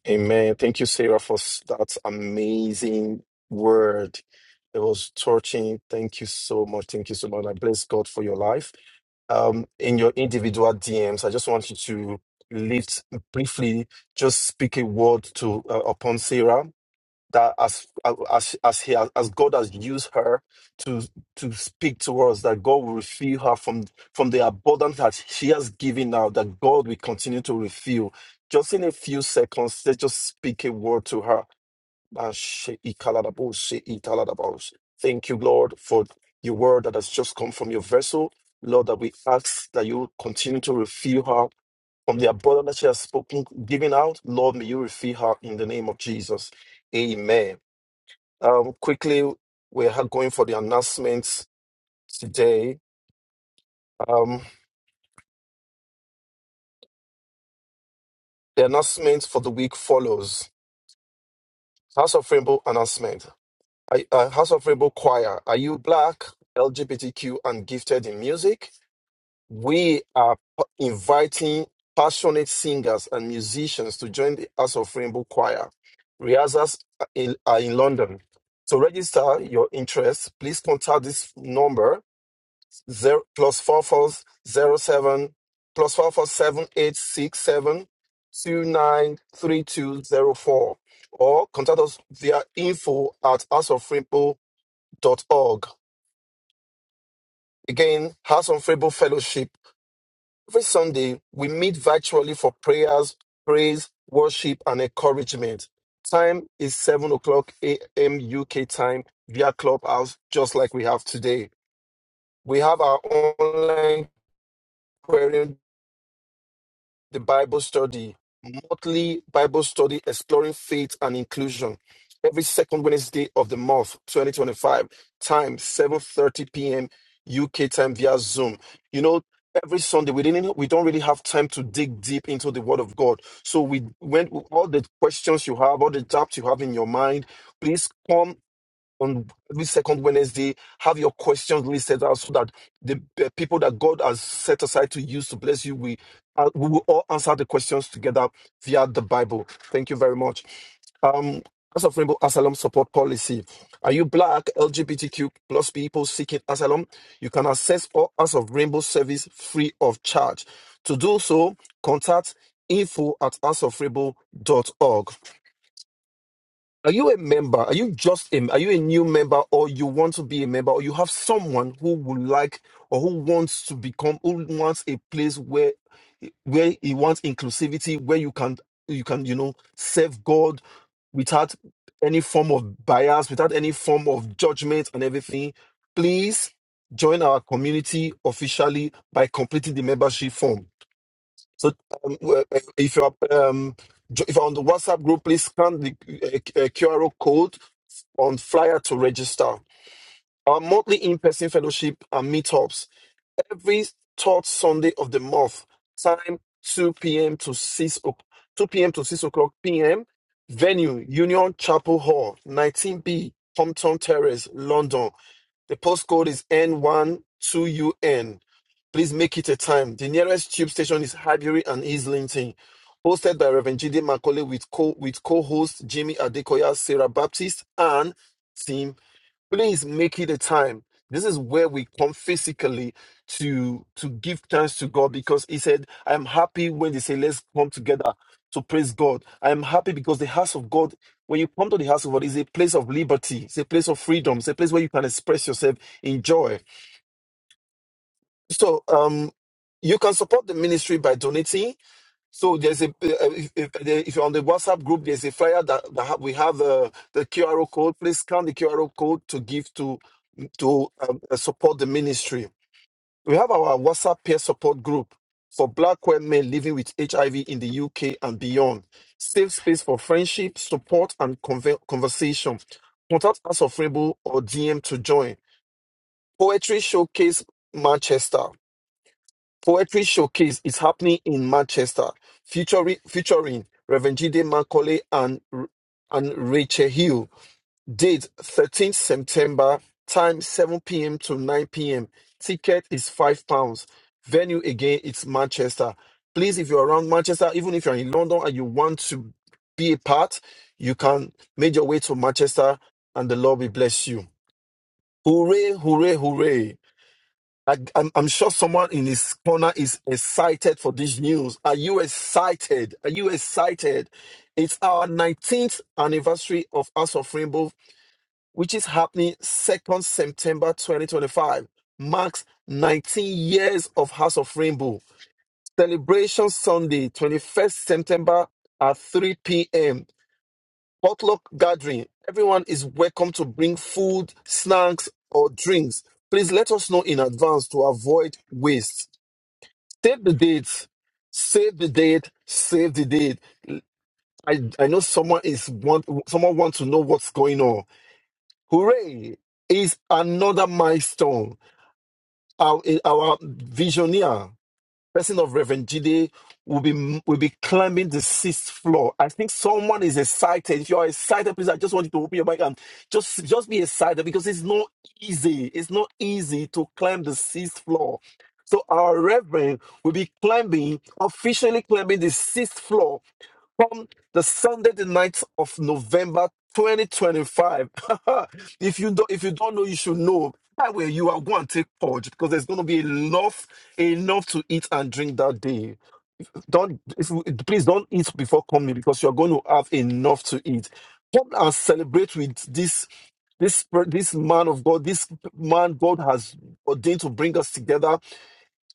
[SPEAKER 5] Amen. Thank you, Sarah, for s- that amazing word. It was touching. Thank you so much. Thank you so much. I bless God for your life. um, in your individual DMs. I just want you to lift briefly, just speak a word to uh, upon Sarah that as as as he as God has used her to to speak to us, that God will refill her from from the abundance that she has given now. That God will continue to refill. Just in a few seconds, let's just speak a word to her Ashe ikaladabose italadabose. Thank you, Lord, for your word that has just come from your vessel. Lord, that we ask that you continue to refill her from the abundance that she has spoken, given out. Lord, may you refill her in the name of Jesus. Amen. Um, quickly, we are going for the announcements today. Um, the announcements for the week follows. House of Rainbow announcement. I, uh, House of Rainbow Choir. Are you black, LGBTQ, and gifted in music? we are p- inviting passionate singers and musicians to join the House of Rainbow Choir. Rehearsals are in, are in London. To register your interest, please contact this number zero plus four four zero seven plus four four seven eight six seven two nine three two zero four or contact us via info at house of rainbow dot org. Again, House of Rainbow Fellowship Every Sunday, we meet virtually for prayers, praise, worship, and encouragement. Time is 7 o'clock a.m. UK time via Clubhouse, just like we have today. We have our online query the Bible study, monthly Bible study exploring faith and inclusion. Every second Wednesday of the month, 2025, time 7:30 p.m. UK time via Zoom. You know, every Sunday we didn't we don't really have time to dig deep into the Word of God. So we went all the questions you have, all the doubts you have in your mind. Please come on every second Wednesday, have your questions really set out so that the uh, people that God has set aside to use to bless you, we, uh, we will all answer the questions together via the Bible. Thank you very much. Um, House of Rainbow Asylum Support Policy. Are you Black, LGBTQ plus people seeking asylum? You can access all House of Rainbow service free of charge. To do so, contact info at house of rainbow dot org. Are you a member? Are you just a, are you a new member or you want to be a member or you have someone who would like or who wants to become who wants a place where where he wants inclusivity, where you can you can, you know, serve God without any form of bias, without any form of judgment and everything. Please join our community officially by completing the membership form. So um, w- uh, if you are um, jo- if you're on the WhatsApp group, please scan the uh, uh, QR code on flyer to register. Our monthly in-person fellowship and meetups every third Sunday of the month, time 2 p.m. to 6 o, 2 p.m. to 6 o'clock p.m. Venue Union Chapel Hall, 19B, Compton Terrace, London. The postcode is n one two un Please make it a time. The nearest tube station is Highbury and Islington. Hosted by Reverend G.D. Macaulay with co with co-host Jimmy Adekoya, Sarah Baptist, and team. Please make it a time. This is where we come physically to to give thanks to God because he said, I am happy when they say, Let's come together to praise God. I am happy because the house of God, when you come to the house of God, is a place of liberty, it's a place of freedom, it's a place where you can express yourself in joy. So um you can support the ministry by donating. So there's a uh, uh, if, if, uh, if you're on the WhatsApp group, there's a flyer that, that ha- we have the the QR code. Please scan the QR code to give to to um, uh, support the ministry we have our WhatsApp peer support group for Black women living with HIV in the UK and beyond. Safe space for friendship, support, and conver- conversation. Contact us of Rainbow or DM to join. Poetry Showcase Manchester. Poetry Showcase is happening in Manchester, featuring, featuring Reverend G.D. Macaulay and, and Rachel Hill. Date 13th September, time 7 p.m. to 9 p.m. Ticket is five pounds. Venue again, it's Manchester. Please, if you're around Manchester, even if you're in London and you want to be a part, you can make your way to Manchester and the Lord will bless you. Hooray, hooray, hooray. I, I'm, I'm sure someone in his corner is excited for this news. Are you excited? Are you excited? It's our 19th anniversary of House of Rainbow which is happening 2nd September 2025, marks 19 years of House of Rainbow. Celebration Sunday, 21st September at 3 p.m. Potluck gathering. Everyone is welcome to bring food, snacks, or drinks. Please let us know in advance to avoid waste. Save the date. Save the date. Save the date. I, I know someone is want someone wants to know what's going on Hooray is another milestone. Our, our visioneer, person of Reverend Jide, will be will be climbing the sixth floor. I think someone is excited. If you are excited, please, I just want you to open your mic and just just be excited because it's not easy. It's not easy to climb the sixth floor. So our Reverend will be climbing, officially climbing the sixth floor from the Sunday, the 9th of November 2025. if you don't if you don't know, you should know. That way you are going to take purge because there's going to be enough enough to eat and drink that day. Don't if you, please don't eat before coming because you're going to have enough to eat. Come and celebrate with this this per- this man of God, this man God has ordained to bring us together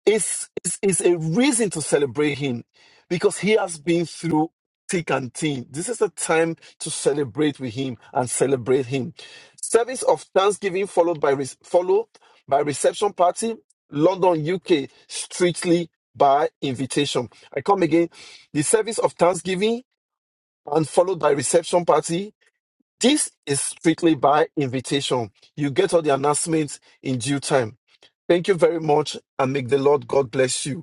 [SPEAKER 5] it's, it's, it's a reason to celebrate him because he has been through thick and thin. This is the time to celebrate with him and celebrate him. Service of Thanksgiving followed by re- followed by reception party, London, UK, strictly by invitation. I come again. The service of Thanksgiving and followed by reception party. This is strictly by invitation. You get all the announcements in due time. Thank you very much and make the Lord God bless you.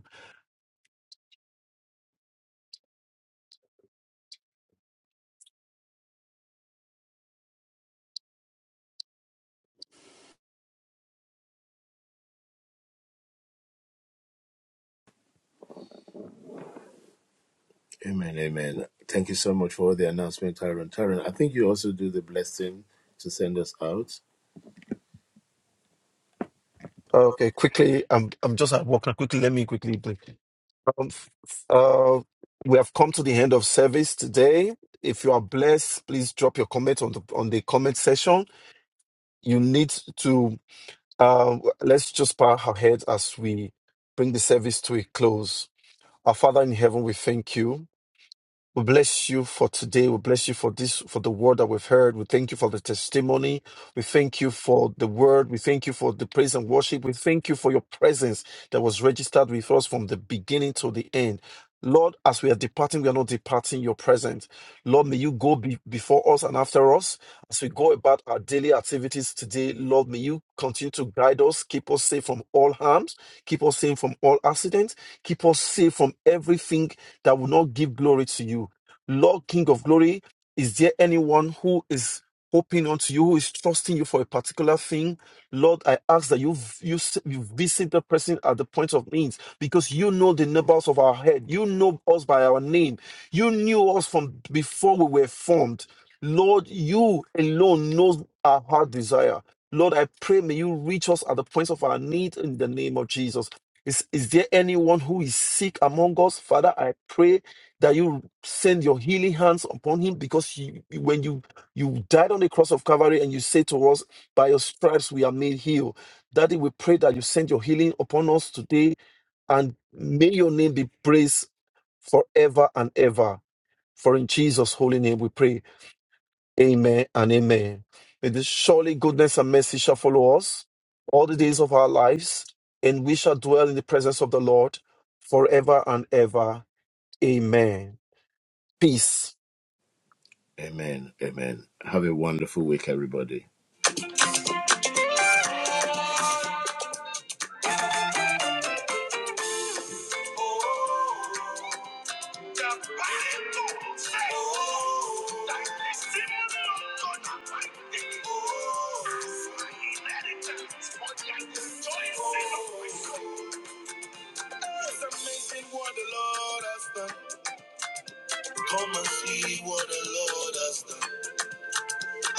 [SPEAKER 1] amen amen thank you so much for the announcement tyron tyron i think you also do the blessing to send us out
[SPEAKER 5] Okay, quickly, I'm I'm just at work. Quickly, let me quickly break. Um, f- f- uh, we have come to the end of service today. If you are blessed, please drop your comment on the on the comment section. You need to uh, let's just bow our heads as we bring the service to a close. Our Father in heaven, we thank you. We bless you for today. We bless you for this, for the word that we've heard. We thank you for the testimony. We thank you for the word. We thank you for the praise and worship. We thank you for your presence that was registered with us from the beginning to the end. Lord, as we are departing, we are not departing your presence. Lord, may you go be- before us and after us. As we go about our daily activities today, Lord, may you continue to guide us, keep us safe from all harms, keep us safe from all accidents, keep us safe from everything that will not give glory to you. Lord, King of glory, is there anyone who is hoping onto you, who is trusting you for a particular thing? Lord, I ask that you, you, s- you visit the person at the point of need because you know the numbers of our head. You know us by our name. You knew us from before we were formed. Lord, you alone knows our heart desire. Lord, I pray may you reach us at the points of our need in the name of Jesus. Is, is there anyone who is sick among us? Father, I pray that you send your healing hands upon him because you, you- when you, you died on the cross of Calvary and you say to us, by your stripes we are made healed. Daddy, we pray that you send your healing upon us today and may your name be praised forever and ever. For in Jesus' holy name we pray. Amen and amen. May this surely goodness and mercy shall follow us all the days of our lives, and we shall dwell in the presence of the Lord forever and ever. Amen. Peace.
[SPEAKER 1] Amen. Amen. Have a wonderful week, everybody. Come and see what the Lord has done.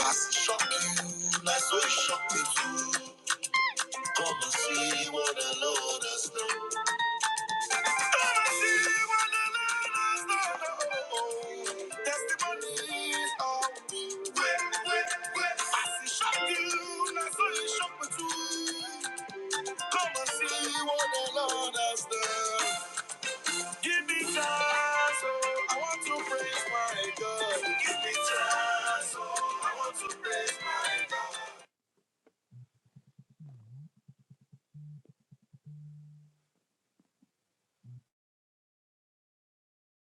[SPEAKER 1] As he shocked you, that's what he shocked me too. Come and see what the Lord has done. Give me chance, oh, I want to praise my God. Give me chance, oh, I want to praise my God.